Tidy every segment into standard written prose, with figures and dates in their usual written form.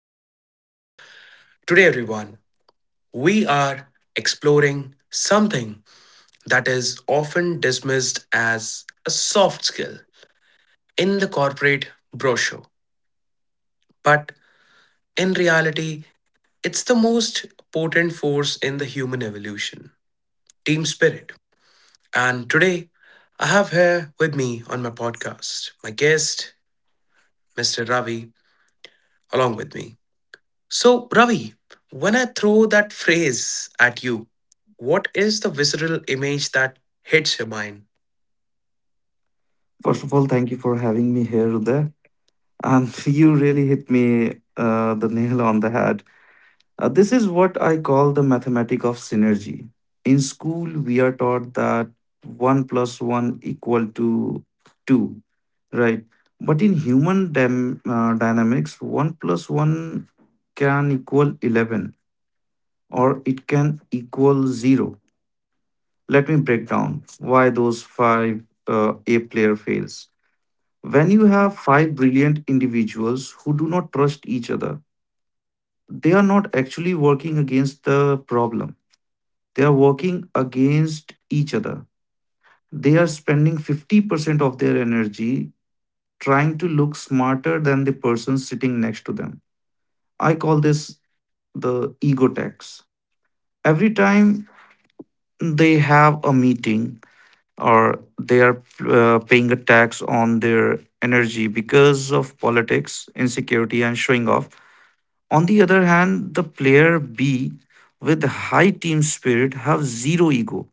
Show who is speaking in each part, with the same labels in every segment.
Speaker 1: the podcast. Today, everyone, we are exploring something that is often dismissed as a soft skill in the corporate brochure. But in reality, it's the most potent force in the human evolution team spirit. And today, I have here with me on my podcast my guest, Mr. Ravi, along with me. So, Ravi, when I throw that phrase at you, what is the visceral image that hits your mind?
Speaker 2: First of all, thank you for having me here, Uday. And you really hit me the nail on the head. This is what I call the mathematic of synergy. In school, we are taught that 1 plus 1 equal to 2, right? But in dynamics, 1 plus 1 can equal 11 or it can equal 0. Let me break down why those five A player fails. When you have five brilliant individuals who do not trust each other, they are not actually working against the problem. They are working against each other. They are spending 50% of their energy trying to look smarter than the person sitting next to them. I call this the ego tax. Every time they have a meeting or they are paying a tax on their energy because of politics, insecurity, and showing off. On the other hand, the player B with high team spirit have zero ego,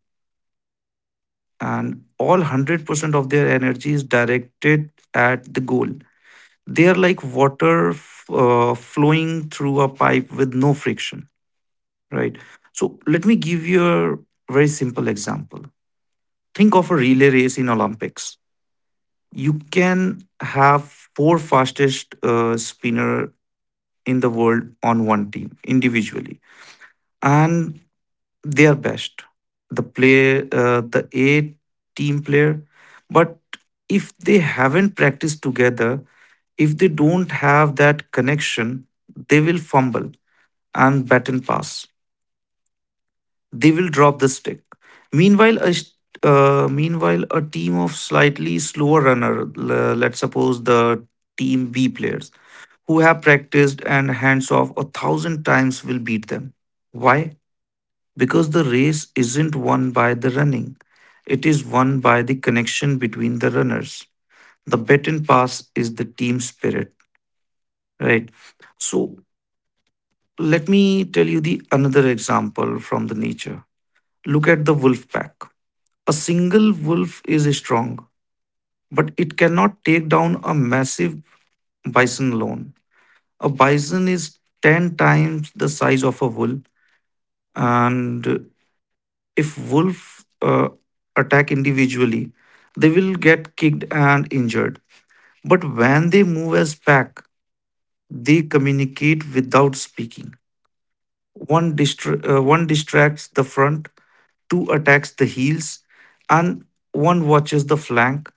Speaker 2: and all 100% of their energy is directed at the goal. They are like flowing through a pipe with no friction, right? So let me give you a very simple example. Think of a relay race in Olympics. You can have four fastest spinner in the world on one team individually, and their best the play the a team player, but if they haven't practiced together, if they don't have that connection, they will fumble and bat and pass, they will drop the stick. meanwhile a s- Meanwhile, a team of slightly slower runner, let's suppose the team B players, who have practiced and hands off a thousand times, will beat them. Why? Because the race isn't won by the running, it is won by the connection between the runners. The baton pass is the team spirit, right? So, let me tell you the another example from the nature. Look at the wolf pack. A single wolf is strong, but it cannot take down a massive bison alone. A bison is 10 times the size of a wolf, and if wolf attack individually, they will get kicked and injured. But when they move as pack, they communicate without speaking. One distracts the front, two attacks the heels, and one watches the flank.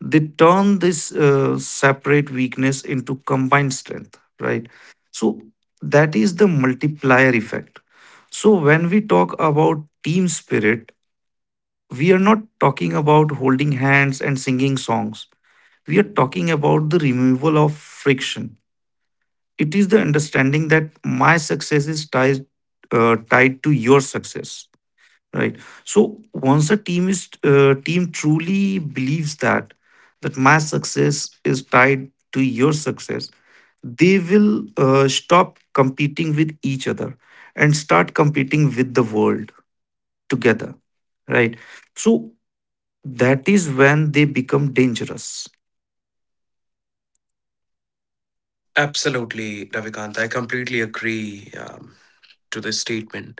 Speaker 2: They turn this separate weakness into combined strength, right? So that is the multiplier effect. So when we talk about team spirit, we are not talking about holding hands and singing songs. We are talking about the removal of friction. It is the understanding that my success is tied to your success, right? So once a team truly believes that that my success is tied to your success, they will stop competing with each other and start competing with the world together, right? So that is when they become dangerous.
Speaker 1: Absolutely, Ravikant. I completely agree to this statement,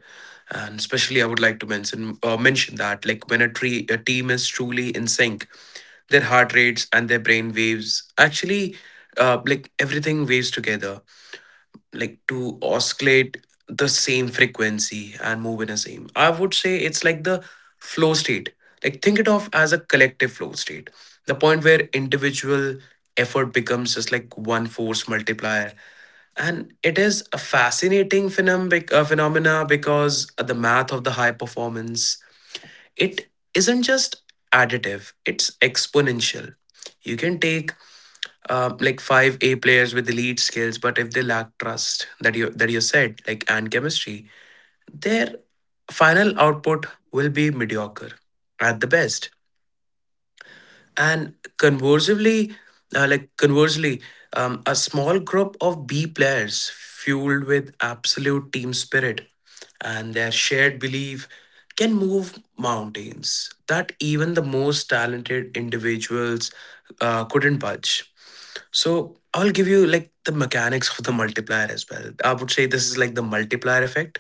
Speaker 1: and especially I would like to mention that, like, when a tree a team is truly in sync, their heart rates and their brain waves actually like everything waves together, like to oscillate the same frequency and move in a same, I would say it's like the flow state, like think it of as a collective flow state, the point where individual effort becomes just like one force multiplier. And it is a fascinating phenomena because of the math of the high performance. It isn't just additive, it's exponential. You can take like five A players with elite skills, but if they lack trust that you said, like, and chemistry, their final output will be mediocre at the best. And conversely, uh, like conversely, a small group of B players fueled with absolute team spirit and their shared belief can move mountains that even the most talented individuals couldn't budge. So I'll give you like the mechanics of the multiplier as well. I would say this is like the multiplier effect.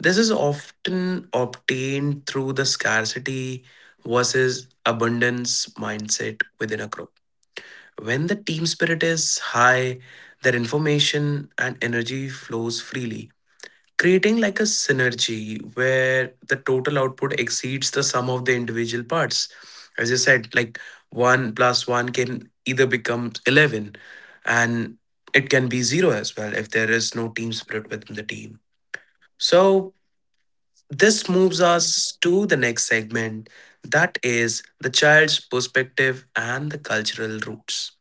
Speaker 1: This is often obtained through the scarcity versus abundance mindset within a group. When the team spirit is high, their information and energy flows freely, creating like a synergy where the total output exceeds the sum of the individual parts, as you said, like, 1 plus 1 can either become 11, and it can be 0 as well if there is no team spirit within the team. So this moves us to the next segment, that is the child's perspective and the cultural roots.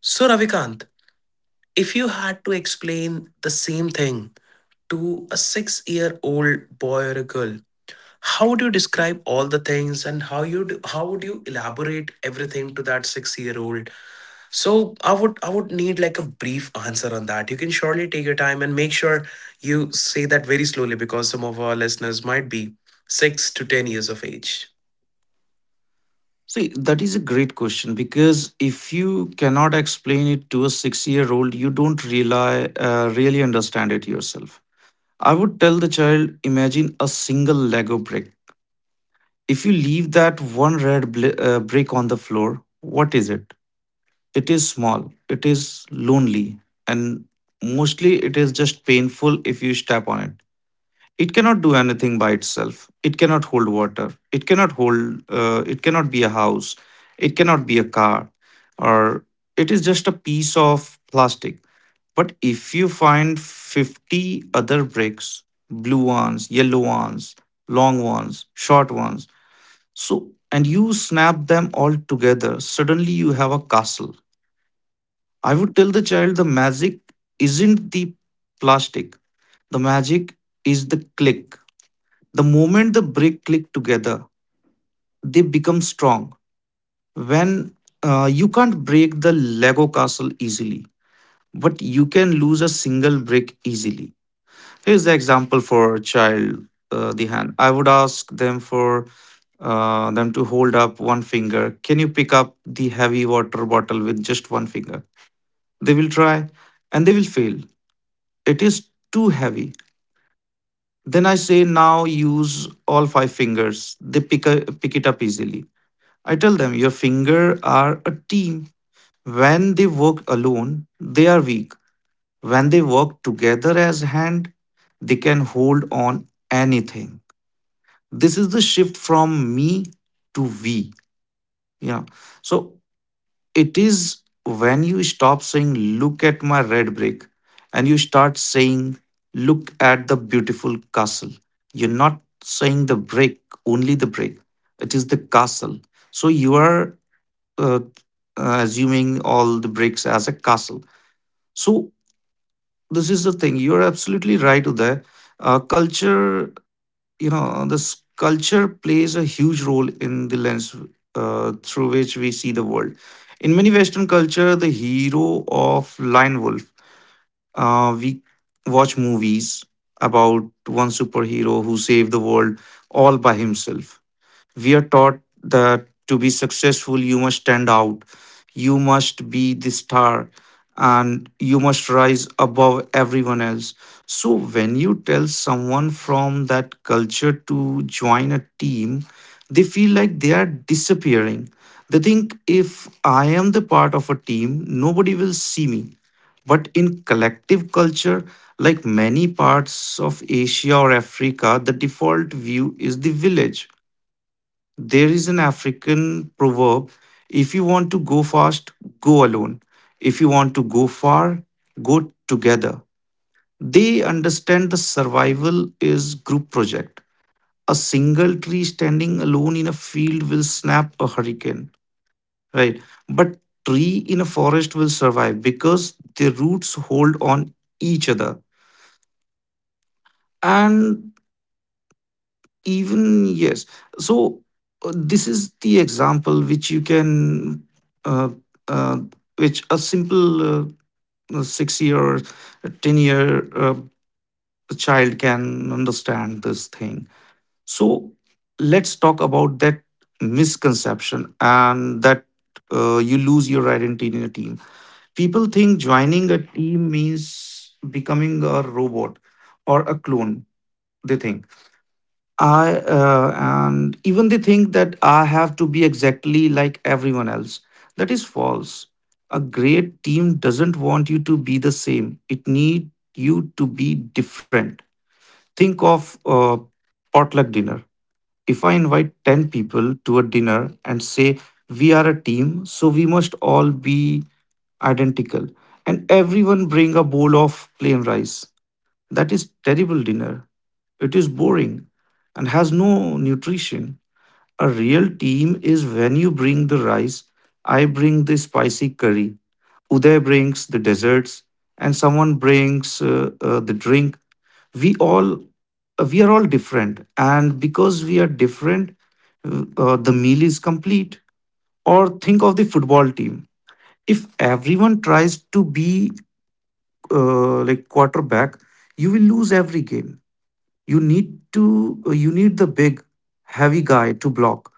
Speaker 1: So, Ravikant, if you had to explain the same thing to a 6-year-old boy or a girl, how would you describe all the things, and how you do, how would you elaborate everything to that 6-year-old? So I would need like a brief answer on that. You can surely take your time and make sure you say that very slowly, because some of our listeners might be 6 to 10 years of age.
Speaker 2: See, that is a great question because if you cannot explain it to a 6 year old, you don't really understand it yourself. I would tell the child, imagine a single Lego brick. If you leave that one red brick on the floor, what is it? It is small, it is lonely, and mostly it is just painful if you step on it. It cannot do anything by itself. It cannot hold water, it cannot hold it cannot be a house, it cannot be a car, or it is just a piece of plastic. But if you find 50 other bricks, blue ones, yellow ones, long ones, short ones, so and you snap them all together, suddenly you have a castle. I would tell the child, the magic isn't the plastic, the magic is the click. The moment the brick click together, they become strong. When You can't break the Lego castle easily, but you can lose a single brick easily. Here's the example for a child, the hand. I would ask them to hold up one finger. Can you pick up the heavy water bottle with just one finger? They will try, and they will fail. It is too heavy. Then I say, now use all five fingers. They pick it up easily. I tell them, your finger are a team. When they work alone, they are weak. When they work together as hand, they can hold on anything. This is the shift from me to we. Yeah. So it is when you stop saying, look at my red brick, and you start saying, look at the beautiful castle. You're not saying the brick, only the brick. It is the castle. So you are uh, assuming all the bricks as a castle. So this is the thing. You're absolutely right there. Culture, you know, this culture plays a huge role in the lens through which we see the world. In many Western culture, the hero of Lion Wolf, we watch movies about one superhero who saved the world all by himself. We are taught that to be successful, you must stand out, you must be the star, and you must rise above everyone else. So, when you tell someone from that culture to join a team, they feel like they are disappearing. They think, if I am the part of a team, nobody will see me. But in collective culture, like many parts of Asia or Africa, the default view is the village. There is an African proverb: if you want to go fast, go alone. If you want to go far, go together. They understand the survival is group project. A single tree standing alone in a field will snap a hurricane, right? But tree in a forest will survive because their roots hold on each other. And even yes. So this is the example which you can uh, uh, which a simple 6 year or 10 year child can understand this thing. So let's talk about that misconception and that you lose your identity in a team. People think joining a team means becoming a robot or a clone. They think I and even they think that I have to be exactly like everyone else. That is false. A great team doesn't want you to be the same. It need you to be different. Think of a potluck dinner. If I invite 10 people to a dinner and say we are a team, so we must all be identical and everyone bring a bowl of plain rice, that is terrible dinner. It is boring and has no nutrition. A real team is when you bring the rice, I bring the spicy curry, Uday brings the desserts, and someone brings the drink. We all we are all different, and because we are different, the meal is complete. Or think of the football team. If everyone tries to be like quarterback, you will lose every game. You need to you need the big heavy guy to block,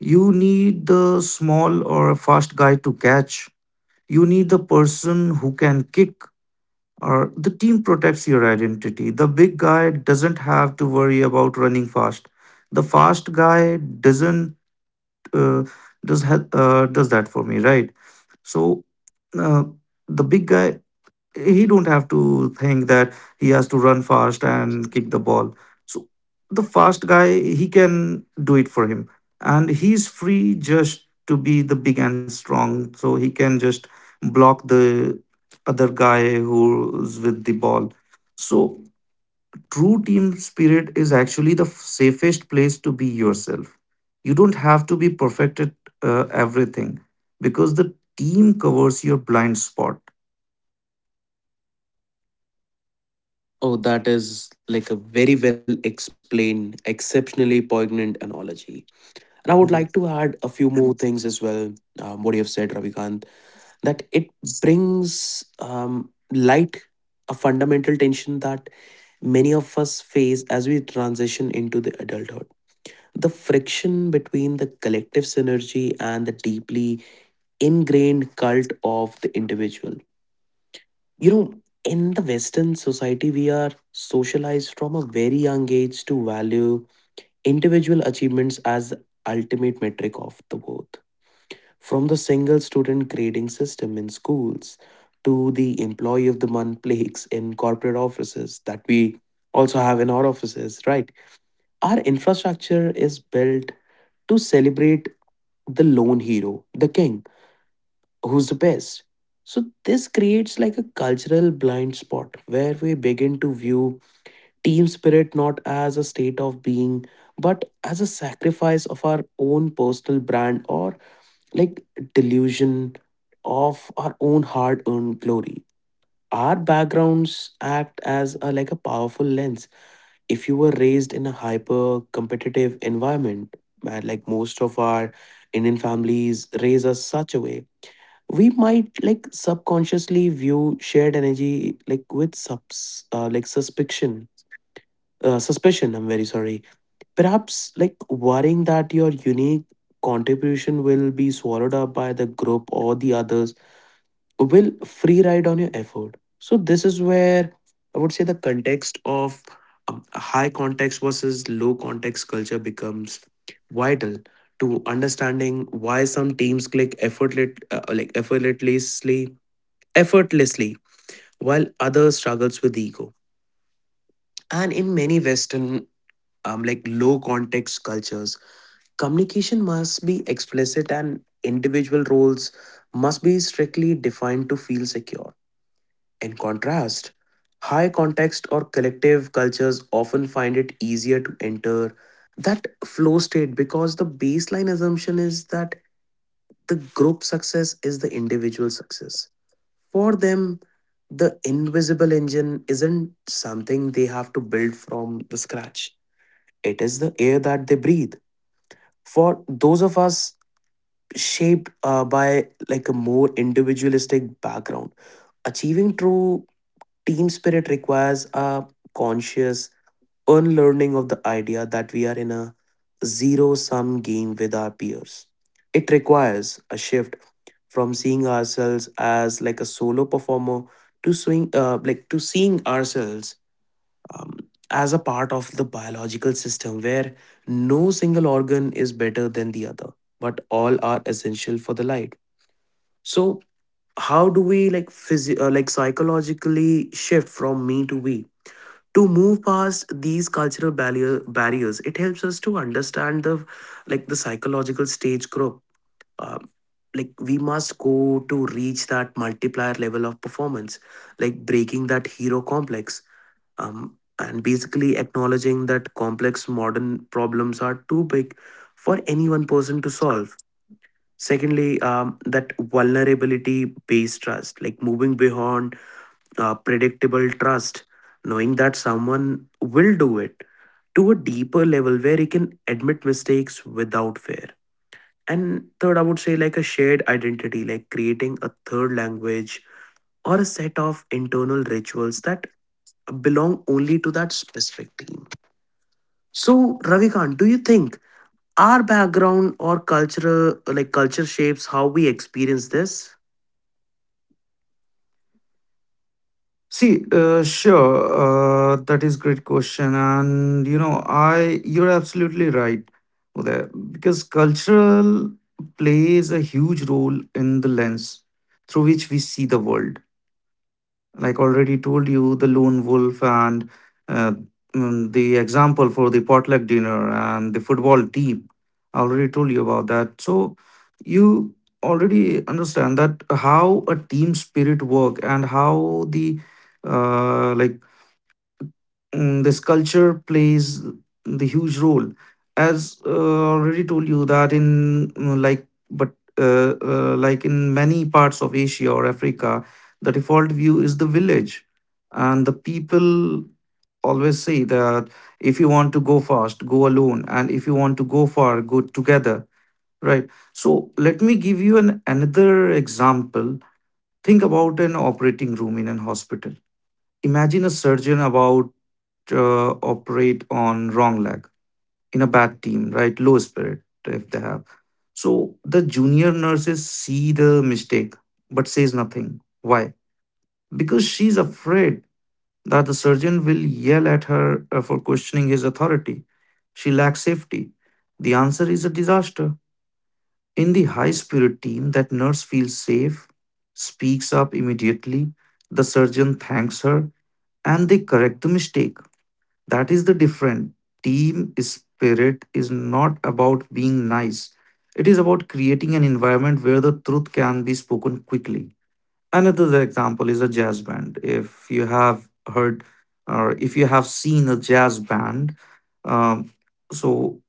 Speaker 2: you need the small or fast guy to catch, you need the person who can kick, or the team protects your identity. The big guy doesn't have to worry about running fast, the fast guy doesn't uh, does that for me, right? So uh, the big guy, he don't have to think that he has to run fast and kick the ball. So the fast guy, he can do it for him, and he's free just to be the big and strong, so he can just block the other guy who's with the ball. So true team spirit is actually the safest place to be yourself. You don't have to be perfect at everything, because the team covers your blind spot.
Speaker 1: Oh, that is like a very well explained, exceptionally poignant analogy. And I would like to add a few more things as well. What you have said, Ravikant, that it brings light, a fundamental tension that many of us face as we transition into the adulthood, the friction between the collective synergy and the deeply ingrained cult of the individual. You know in the western society, we are socialized from a very young age to value individual achievements as the ultimate metric of the worth, from the single student grading system in schools to the employee of the month plagues in corporate offices that we also have in our offices, right? Our infrastructure is built to celebrate the lone hero, the king, who's the best. So this creates like a cultural blind spot where we begin to view team spirit not as a state of being but as a sacrifice of our own personal brand or like delusion of our own hard-earned glory. Our backgrounds act as like a powerful lens. If you were raised in a hyper-competitive environment, where like most of our Indian families raise us such a way, we might like subconsciously view shared energy, like with subs like suspicion. I'm very sorry. Perhaps like worrying that your unique contribution will be swallowed up by the group or the others will free ride on your effort. So this is where I would say the context of high context versus low context culture becomes vital to understanding why some teams click effortlessly, while others struggles with ego. And in many Western, like low context cultures, communication must be explicit and individual roles must be strictly defined to feel secure. In contrast, high context or collective cultures often find it easier to enter that flow state because the baseline assumption is that the group success is the individual success. For them, the invisible engine isn't something they have to build from the scratch. It is the air that they breathe. For those of us shaped by like a more individualistic background, achieving true team spirit requires a conscious unlearning of the idea that we are in a zero sum game with our peers. It requires a shift from seeing ourselves as like a solo performer to swing like to seeing ourselves um, as a part of the biological system where no single organ is better than the other, but all are essential for the life. So how do we like psychologically shift from me to we? To move past these barriers, it helps us to understand the psychological stage group. Um, like we must go to reach that multiplier level of performance, like breaking that hero complex. And basically acknowledging that complex modern problems are too big for any one person to solve. Secondly, that vulnerability based trust, like moving beyond predictable trust, knowing that someone will do it, to a deeper level where he can admit mistakes without fear. And third, I would say like a shared identity, like creating a third language or a set of internal rituals that belong only to that specific team. So, Ravikant, do you think our background or like culture shapes how we experience this?
Speaker 2: See, sure, that is great question, and you know, I you're absolutely right there, because cultural plays a huge role in the lens through which we see the world. Like already told you, the lone wolf and uh, the example for the potluck dinner and the football team, I already told you about that. So you already understand that how a team spirit work, and how the uh, like this culture plays the huge role. As already told you that in like in many parts of Asia or Africa, the default view is the village, and the people always say that, if you want to go fast, go alone, and if you want to go far, go together, right? So let me give you an another example. Think about an operating room in an hospital. Imagine a surgeon about operate on wrong leg in a bad team, right? Low spirit if they have. So the junior nurses see the mistake but says nothing. Why? Because she's afraid that the surgeon will yell at her for questioning his authority. She lacks safety. The answer is a disaster. In the high spirit team, that nurse feels safe, speaks up immediately, the surgeon thanks her, and they correct the mistake. That is the different. Team spirit is not about being nice. It is about creating an environment where the truth can be spoken quickly. Another example is a jazz band. If you have heard or if you have seen a jazz band, um, so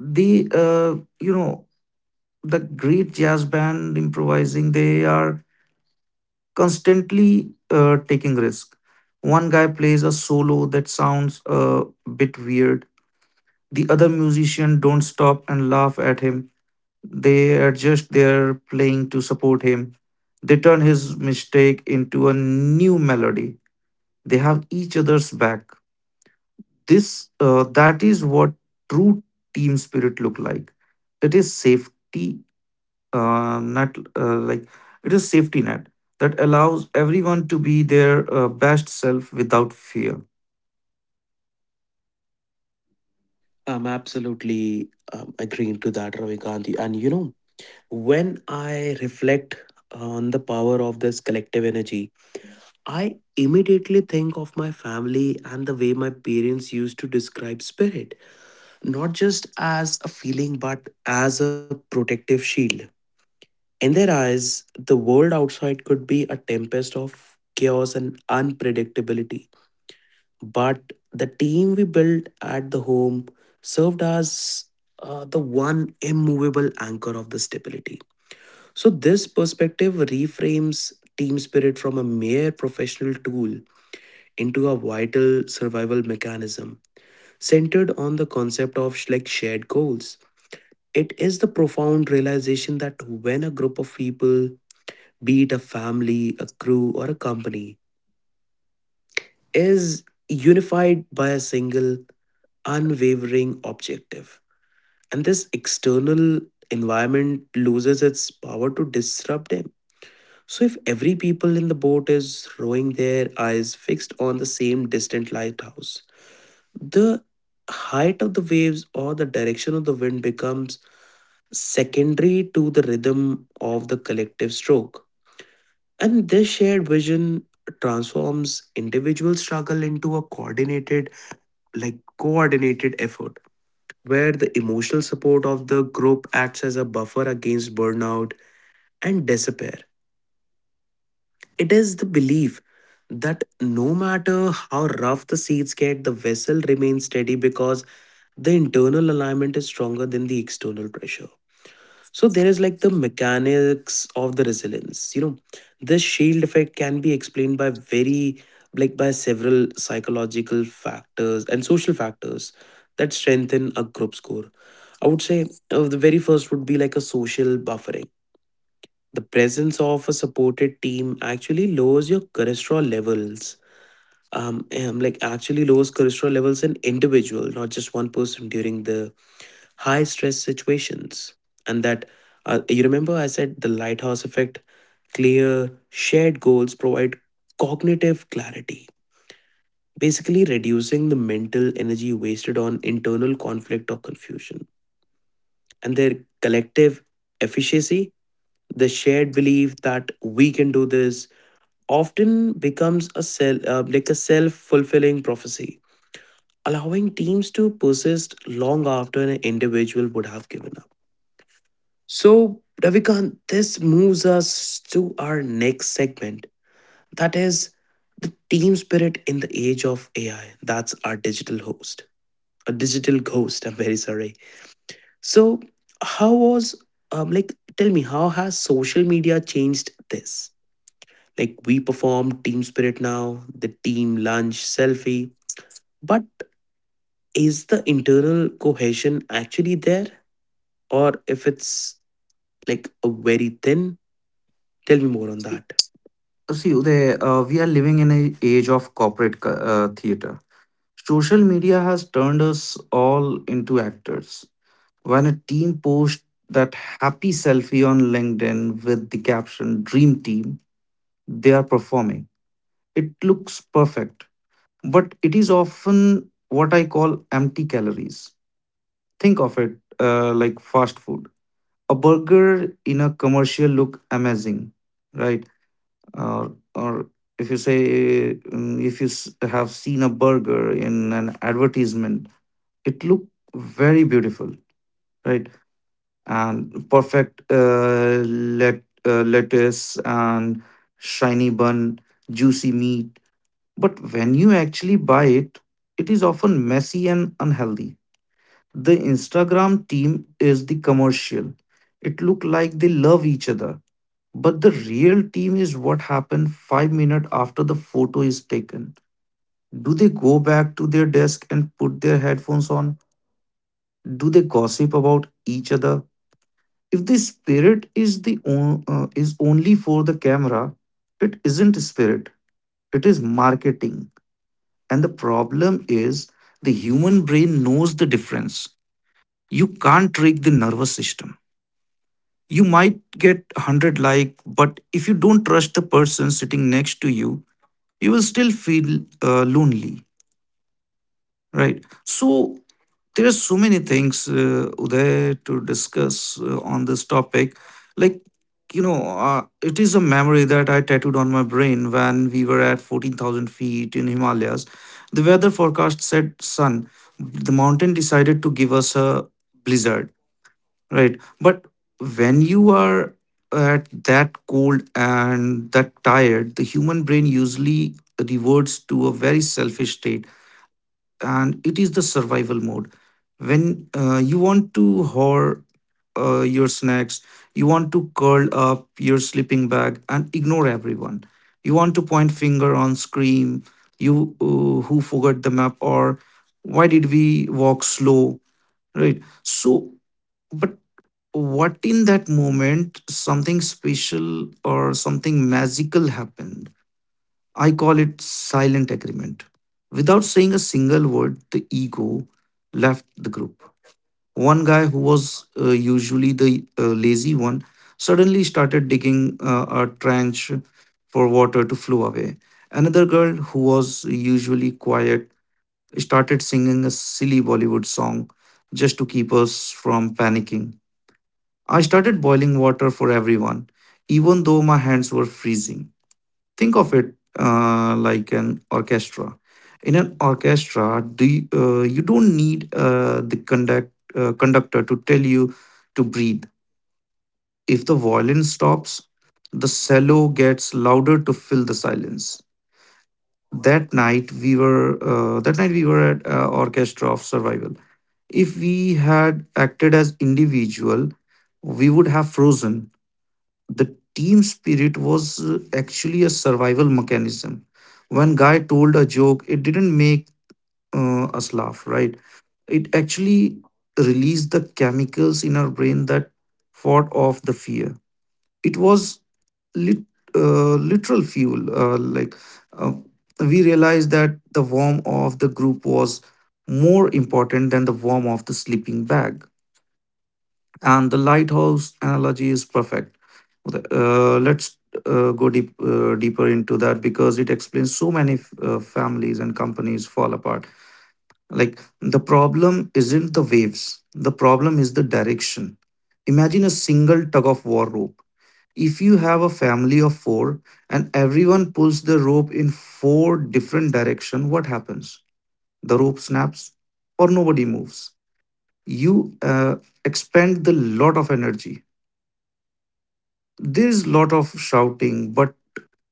Speaker 2: the the great jazz band improvising, they are constantly taking risk. One guy plays a solo that sounds a bit weird. The other musicians don't stop and laugh at him. They adjust their playing to support him. They turn his mistake into a new melody. They have each other's back. This That is what true team spirit look like. It is safety net like It is safety net that allows everyone to be their best self without fear.
Speaker 1: I'm absolutely agreeing to that, Ravi Gandhi. And you know, when I reflect on the power of this collective energy, I immediately think of my family and the way my parents used to describe spirit, not just as a feeling, but as a protective shield. In their eyes, the world outside could be a tempest of chaos and unpredictability, but the team we built at the home served as the one immovable anchor of the stability. So, this perspective reframes team spirit from a mere professional tool into a vital survival mechanism centered on the concept of like shared goals. It is the profound realization that when a group of people, be it a family, a crew, or a company, is unified by a single unwavering objective, and this external environment loses its power to disrupt them. So, if every people in the boat is rowing, their eyes fixed on the same distant lighthouse, the height of the waves or the direction of the wind becomes secondary to the rhythm of the collective stroke. And this shared vision transforms individual struggle into a coordinated effort, where the emotional support of the group acts as a buffer against burnout and despair. It is the belief that no matter how rough the seas get, the vessel remains steady because the internal alignment is stronger than the external pressure. So there is like the mechanics of the resilience. You know, this shield effect can be explained by very like by several psychological factors and social factors that strengthen a group score. I would say, the very first would be like a social buffering. The presence of a supported team actually lowers your cholesterol levels. Like actually lowers cholesterol levels in individual, not just one person, during the high stress situations. And that, you remember I said the lighthouse effect. Clear shared goals provide cognitive clarity, basically reducing the mental energy wasted on internal conflict or confusion. And their collective efficiency, the shared belief that we can do this, often becomes a self-fulfilling prophecy, allowing teams to persist long after an individual would have given up. So, Ravikant, this moves us to our next segment, that is the team spirit in the age of AI. That's our digital host, a digital ghost, I'm very sorry. So how was like tell me, how has social media changed this? Like, we perform team spirit now, the team lunch, selfie. But is the internal cohesion actually there? Or if it's like a very thin? Tell me more on
Speaker 2: See,
Speaker 1: that.
Speaker 2: see Uday, we are living in an age of theater. Social media has turned us all into actors. When a team posts that happy selfie on LinkedIn with the caption Dream Team, they are performing. It looks perfect, but it is often what I call empty calories. Think of it like fast food. A burger in a commercial look amazing, right? Or if you say, mm, if you s- have seen a burger in an advertisement, it looked very beautiful, right? And lettuce and shiny bun, juicy meat. But when you actually buy it, it is often messy and unhealthy. The Instagram team is the commercial. It looked like they love each other. But the real team is what happened 5 minutes after the photo is taken. Do they go back to their desk and put their headphones on? Do they gossip about each other? If the spirit is is only for the camera, it isn't spirit. It is marketing. And the problem is the human brain knows the difference. You can't trick the nervous system. You might get 100 like, but if you don't trust the person sitting next to you, you will still feel lonely. Right. So there are so many things, Uday, to discuss on this topic. Like, you know, it is a memory that I tattooed on my brain when we were at 14,000 feet in Himalayas. The weather forecast said sun. The mountain decided to give us a blizzard, right? But when you are at that cold and that tired, the human brain usually reverts to a very selfish state, and it is the survival mode when you want to hoard your snacks, you want to curl up your sleeping bag and ignore everyone, you want to point finger on scream, you who forgot the map, or why did we walk slow, right? So, but what in that moment, something special or something magical happened. I call it silent agreement. Without saying a single word, the ego left the group. One guy who was usually the lazy one suddenly started digging a trench for water to flow away. Another girl who was usually quiet started singing a silly Bollywood song just to keep us from panicking. I started boiling water for everyone, even though my hands were freezing. Think of it like an orchestra. In an orchestra, you don't need the conductor to tell you to breathe. If the violin stops, the cello gets louder to fill the silence. That night we were at Orchestra of Survival. If we had acted as individual, we would have frozen. The team spirit was actually a survival mechanism. When guy told a joke, it didn't make us laugh, right? It actually released the chemicals in our brain that fought off the fear. It was lit, literal fuel like uh, we realized that the warm of the group was more important than the warm of the sleeping bag. And the lighthouse analogy is perfect. Let's deeper into that, because it explains so many families and companies fall apart. Like the problem isn't the waves, the problem is the direction. Imagine a single tug of war rope. If you have a family of four and everyone pulls the rope in four different direction, what happens? The rope snaps or nobody moves. You expend the lot of energy. There's a lot of shouting, but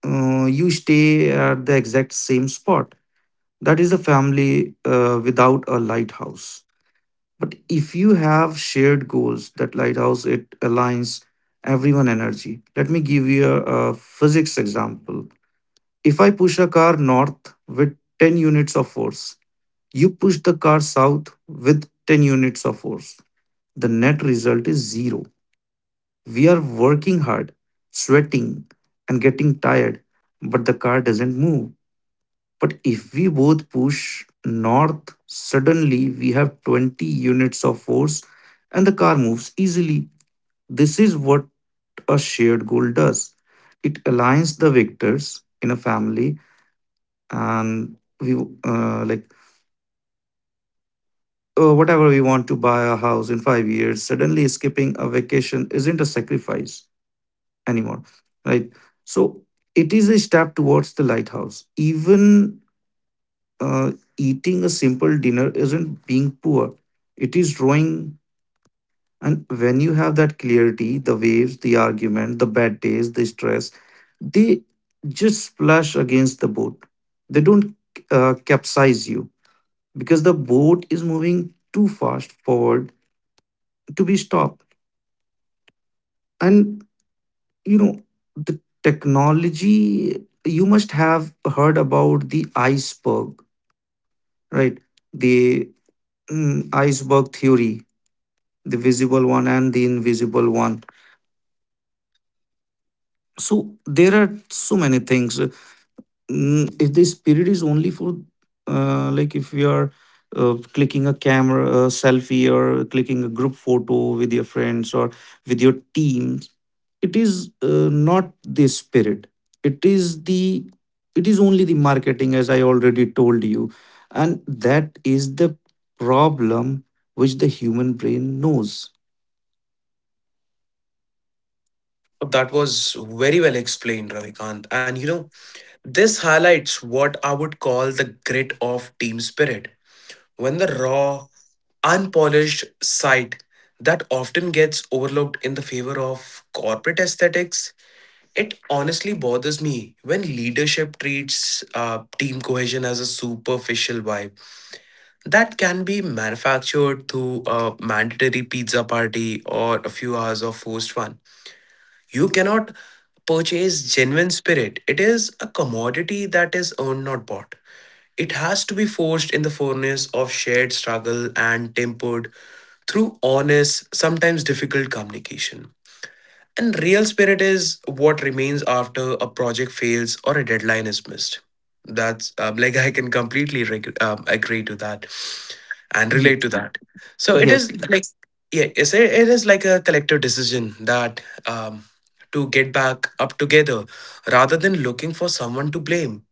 Speaker 2: you stay at the exact same spot. That is a family without a lighthouse. But if you have shared goals, that lighthouse it aligns everyone energy. Let me give you a physics example. If I push a car north with 10 units of force, you push the car south with 10 units of force. The net result is zero. We are working hard, sweating, and getting tired, but the car doesn't move. But if we both push north, suddenly we have 20 units of force and the car moves easily. This is what a shared goal does. It aligns the victors in a family, and we like whatever we want to buy a house in 5 years, suddenly skipping a vacation isn't a sacrifice anymore, right? So it is a step towards the lighthouse. Even uh, eating a simple dinner isn't being poor, it is drawing. And when you have that clarity, the waves, the argument, the bad days, the stress, they just splash against the boat. They don't capsize you, because the boat is moving too fast forward to be stopped. And you know, the technology, you must have heard about the iceberg, right? The mm, iceberg theory, the visible one and the invisible one. So there are so many things. Mm, if the spirit is only for if you are clicking a camera a selfie, or clicking a group photo with your friends or with your team, it is not the spirit, it is the, it is only the marketing, as I already told you. And that is the problem which the human brain knows.
Speaker 1: That was very well explained, Ravikant. And you know, this highlights what I would call the grit of team spirit, when the raw, unpolished side that often gets overlooked in the favor of corporate aesthetics. It honestly bothers me when leadership treats team cohesion as a superficial vibe that can be manufactured through a mandatory pizza party or a few hours of forced fun. You cannot purchase genuine spirit, it is a commodity that is earned, not bought. It has to be forged in the furnace of shared struggle and tempered through honest, sometimes difficult communication. And real spirit is what remains after a project fails or a deadline is missed. That's I can completely agree to that and
Speaker 2: Ye-
Speaker 1: relate to that. So it
Speaker 2: yes.
Speaker 1: is like, yeah, it is like a collective decision, that um, to get back up together rather than looking for someone to blame.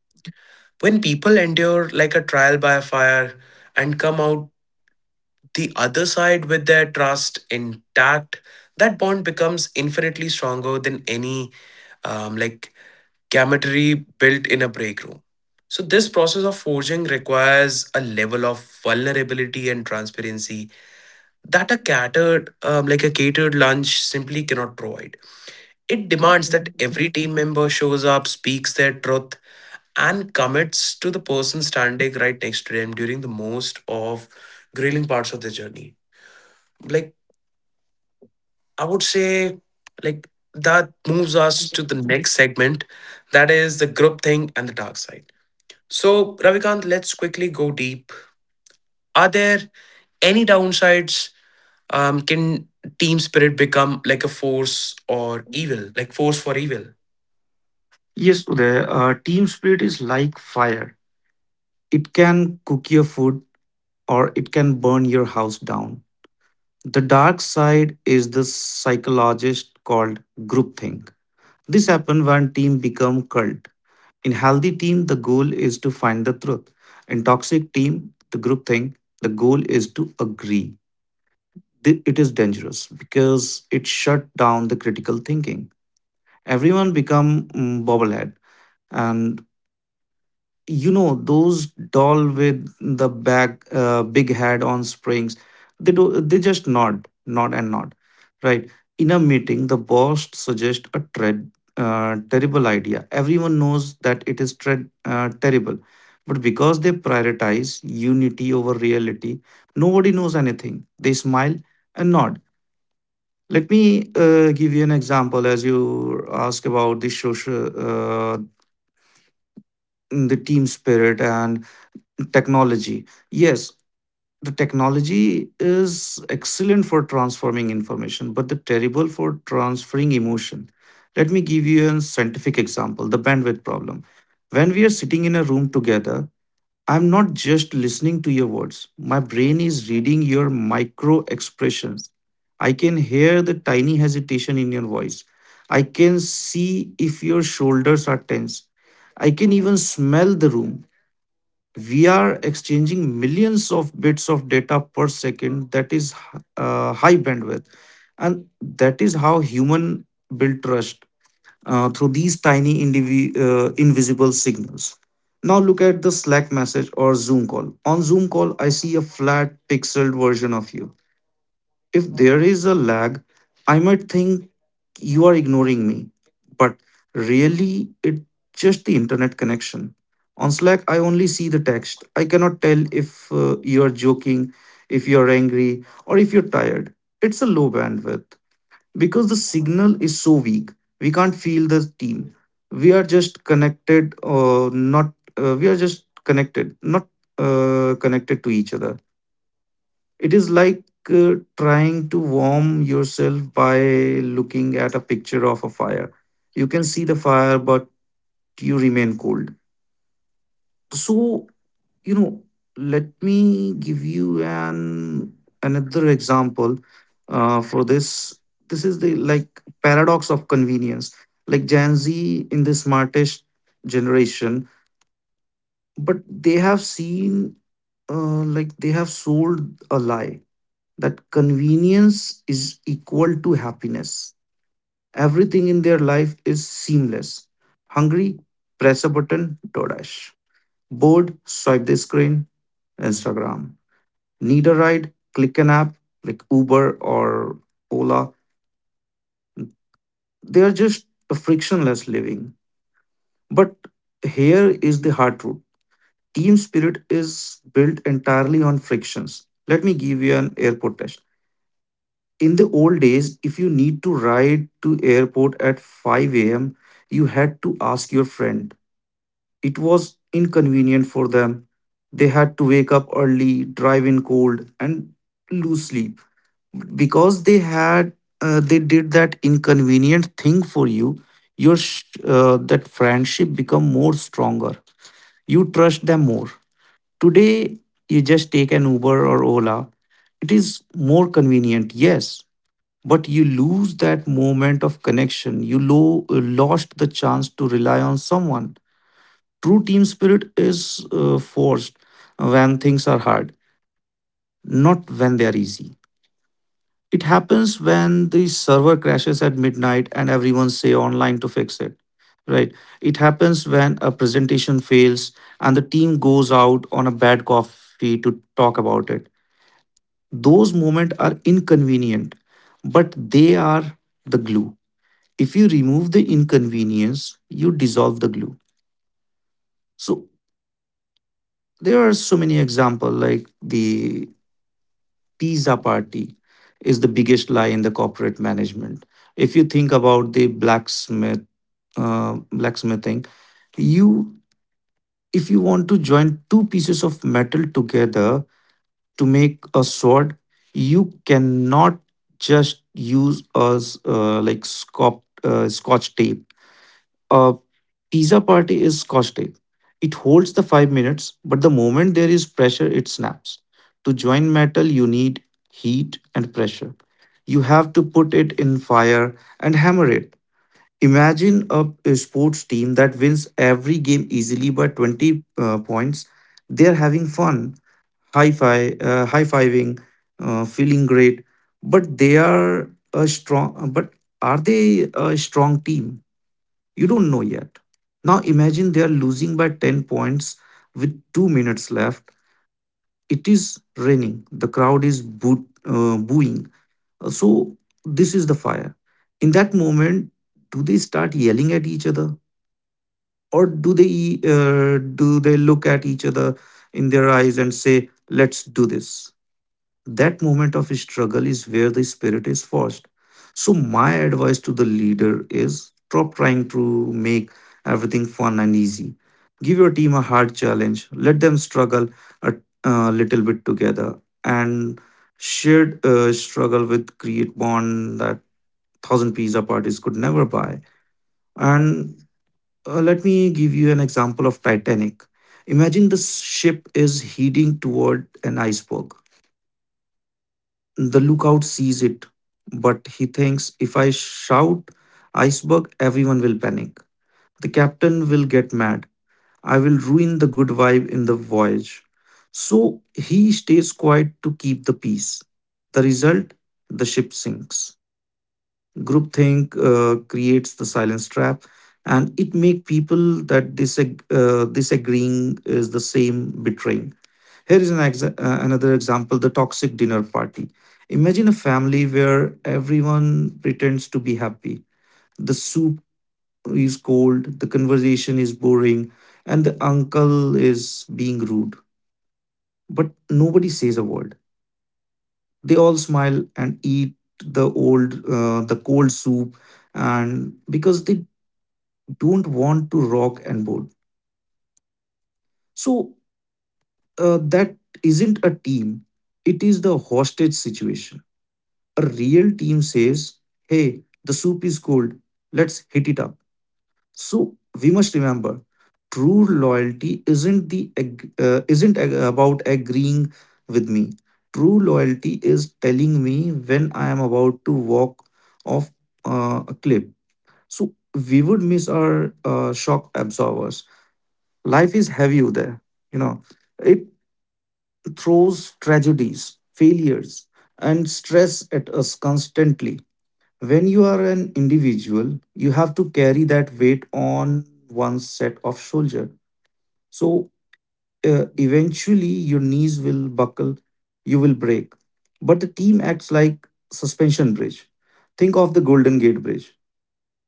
Speaker 1: When people endure like a trial by fire and come out the other side with their trust intact, that bond becomes infinitely stronger than any um, like camaraderie built in a break room. So this process of forging requires a level of vulnerability and transparency that a catered lunch simply cannot provide. It demands that every team member shows up, speaks their truth, and commits to the person standing right next to them during the most of grilling parts of the journey. Like, I would say, like, that moves us to the next segment, that is the group thing and the dark side. So, Ravikant, let's quickly go deep. Are there any downsides? Can team spirit become like a force or evil, like force for evil?
Speaker 2: Yes Uday, team spirit is like fire, it can cook your food or it can burn your house down. The dark side is the psychologist called groupthink. This happens when team become cult. In healthy team, the goal is to find the truth. In toxic team, the groupthink, the goal is to agree. It is dangerous because it shut down the critical thinking. Everyone become mm, bobblehead, and you know those doll with the back big head on springs. They do, they just nod, nod, and nod, right? In a meeting the boss suggests a tread terrible idea, everyone knows that it is tread terrible, but because they prioritize unity over reality, nobody knows anything, they smile and nod. Let me give you an example, as you ask about the social the team spirit and technology. Yes, the technology is excellent for transforming information, but the terrible for transferring emotion. Let me give you a scientific example, the bandwidth problem. When we are sitting in a room together, I'm not just listening to your words, my brain is reading your micro expressions. I can hear the tiny hesitation in your voice. I can see if your shoulders are tense. I can even smell the room. We are exchanging millions of bits of data per second, that is high bandwidth, and that is how human build trust through these tiny invisible signals. Now look at the slack message or zoom call. On zoom call I see a flat pixeled version of you. If there is a lag, I might think you are ignoring me. But really, it's just the internet connection. On Slack, I only see the text. I cannot tell if you're joking, if you're angry, or if you're tired. It's a low bandwidth because the signal is so weak. We can't feel the team. We are just connected, or not. We are just connected, not connected to each other. It is like trying to warm yourself by looking at a picture of a fire. You can see the fire, but you remain cold. So, you know, let me give you an another example for this. This is the like paradox of convenience. Like Gen Z in the smartest generation, but they have seen, they have sold a lie that convenience is equal to happiness. Everything in their life is seamless. Hungry? Press a button, DoorDash. Bored? Swipe the screen, Instagram. Need a ride? Click an app like Uber or Ola. They are just a frictionless living. But here is the hard truth, team spirit is built entirely on frictions. Let me give you an airport test. In the old days, if you need to ride to airport at 5 a.m., you had to ask your friend. It was inconvenient for them. They had to wake up early, drive in cold and lose sleep. Because they had they did that inconvenient thing for you, that friendship become more stronger. You trust them more. Today you just take an uber or ola. It is more convenient, yes, but you lose that moment of connection. You lost the chance to rely on someone. True team spirit is forced when things are hard, not when they are easy. It happens when the server crashes at midnight and everyone say online to fix it, right. It happens when a presentation fails and the team goes out on a bad coffee to talk about it. Those moments are inconvenient, but they are the glue. If you remove the inconvenience, you dissolve the glue. So there are so many examples, like the pizza party is the biggest lie in the corporate management. If you think about the blacksmith, blacksmithing, you if you want to join two pieces of metal together to make a sword, you cannot just use like scotch, scotch tape. A pizza party is scotch. It holds the five minutes, but the moment there is pressure, it snaps. To join metal, you need heat and pressure. You have to put it in fire and hammer it. Imagine a sports team that wins every game easily by 20 points. They're having fun, high fiving, feeling great, but they are a strong. But are they a strong team? You don't know yet. Now imagine they are losing by 10 points with 2 minutes left. It is raining. The crowd is booing. So this is the fire. In that moment, do they start yelling at each other, or do they look at each other in their eyes and say, let's do this? That moment of struggle is where the spirit is forced. So, my advice to the leader is stop trying to make everything fun and easy. Give your team a hard challenge, let them struggle a little bit together, and shared struggle with create bond that thousand pizza parties could never buy. And Let me give you an example of Titanic. Imagine the ship is heading toward an iceberg. The lookout sees it, but he thinks, if I shout iceberg, everyone will panic. The captain will get mad. I will ruin the good vibe in the voyage. So he stays quiet to keep the peace. The result? The ship sinks. Groupthink creates the silence trap, and it make people that disagreeing is the same betraying. Here is another example, the toxic dinner party. Imagine a family where everyone pretends to be happy. The soup is cold, the conversation is boring, and the uncle is being rude. But nobody says a word. They all smile and eat the cold soup, and because they don't want to rock and board. So that isn't a team; it is the hostage situation. A real team says, hey, the soup is cold, let's hit it up. So we must remember, true loyalty isn't the ag- isn't ag- about agreeing with me. True loyalty is telling me when I am about to walk off a cliff. So we would miss our shock absorbers. Life is heavy there, you know. It throws tragedies, failures and stress at us constantly. When you are an individual, you have to carry that weight on one set of shoulder. So eventually your knees will buckle, you will break. But the team acts like suspension bridge. Think of the Golden Gate Bridge.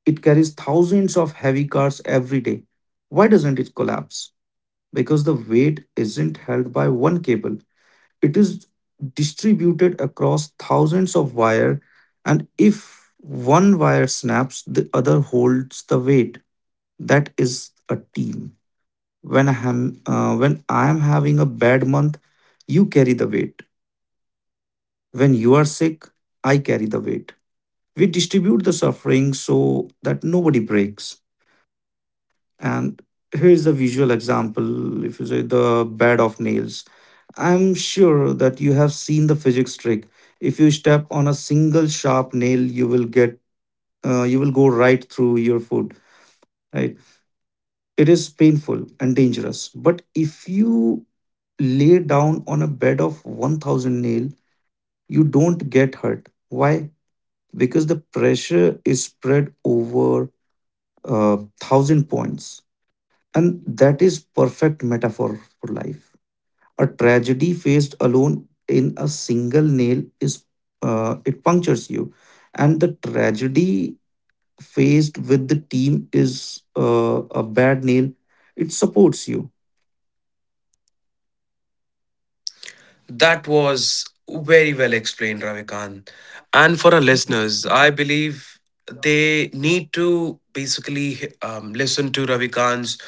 Speaker 2: It carries thousands of heavy cars every day. Why doesn't it collapse? Because the weight isn't held by one cable. It is distributed across thousands of wire, and if one wire snaps, the other holds the weight. That is a team. When I am when I am having a bad month, you carry the weight. When you are sick, I carry the weight. We distribute the suffering so that nobody breaks. And here is the visual example. If you say the bed of nails, I'm sure that you have seen the physics trick. If you step on a single sharp nail, you will go right through your foot, right? It is painful and dangerous. But if you lay down on a bed of 1,000 nail, you don't get hurt. Why? Because the pressure is spread over 1,000 points. And that is perfect metaphor for life. A tragedy faced alone in a single nail is it punctures you, and the tragedy faced with the team is a bad nail. It supports you.
Speaker 1: That was very well explained, Ravikant. And for our listeners, I believe they need to basically listen to Ravikant's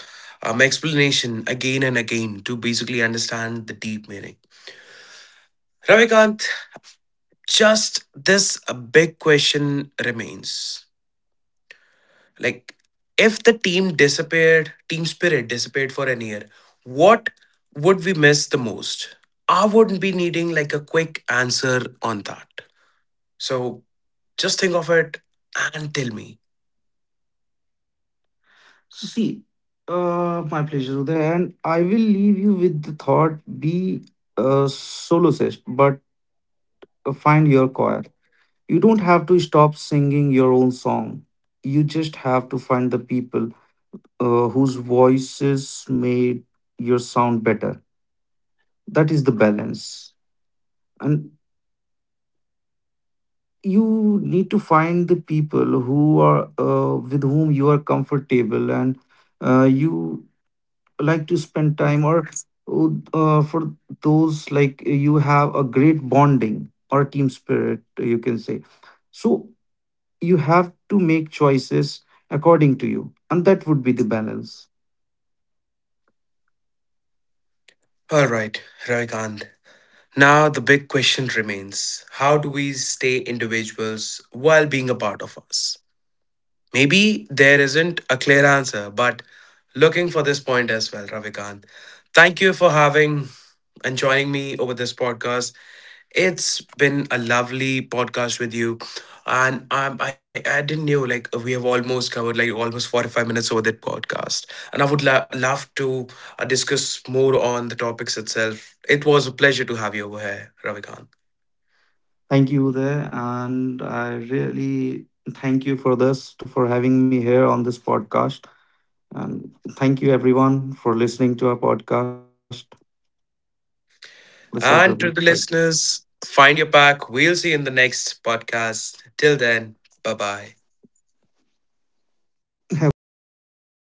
Speaker 1: explanation again and again to basically understand the deep meaning. Ravikant, just this a big question remains. Like, if the team disappeared, team spirit disappeared for an year, what would we miss the most? I wouldn't be needing like a quick answer on that. So just think of it and tell me.
Speaker 2: So see, my pleasure, Uday, and I will leave you with the thought: be a soloist, but find your choir. You don't have to stop singing your own song. You just have to find the people whose voices made your sound better. That is the balance. And you need to find the people who are with whom you are comfortable, and you like to spend time, or for those, like, you have a great bonding or team spirit, you can say. So you have to make choices according to you, and that would be the balance.
Speaker 1: All right, Ravikant. Now the big question remains, how do we stay individuals while being a part of us? Maybe there isn't a clear answer, but looking for this point as well, Ravikant. Thank you for having and joining me over this podcast. It's been a lovely podcast with you. And I didn't know, like, we have almost covered like almost 45 minutes over that podcast. And I would love to discuss more on the topics itself. It was a pleasure to have you over here, Ravikant.
Speaker 2: Thank you, there, and I really thank you for this to, for having me here on this podcast. And thank you everyone for listening to our podcast, The Site Review.
Speaker 1: And to the listeners, find your pack. We'll see you in the next podcast. Till then, bye bye.
Speaker 2: Have a great day.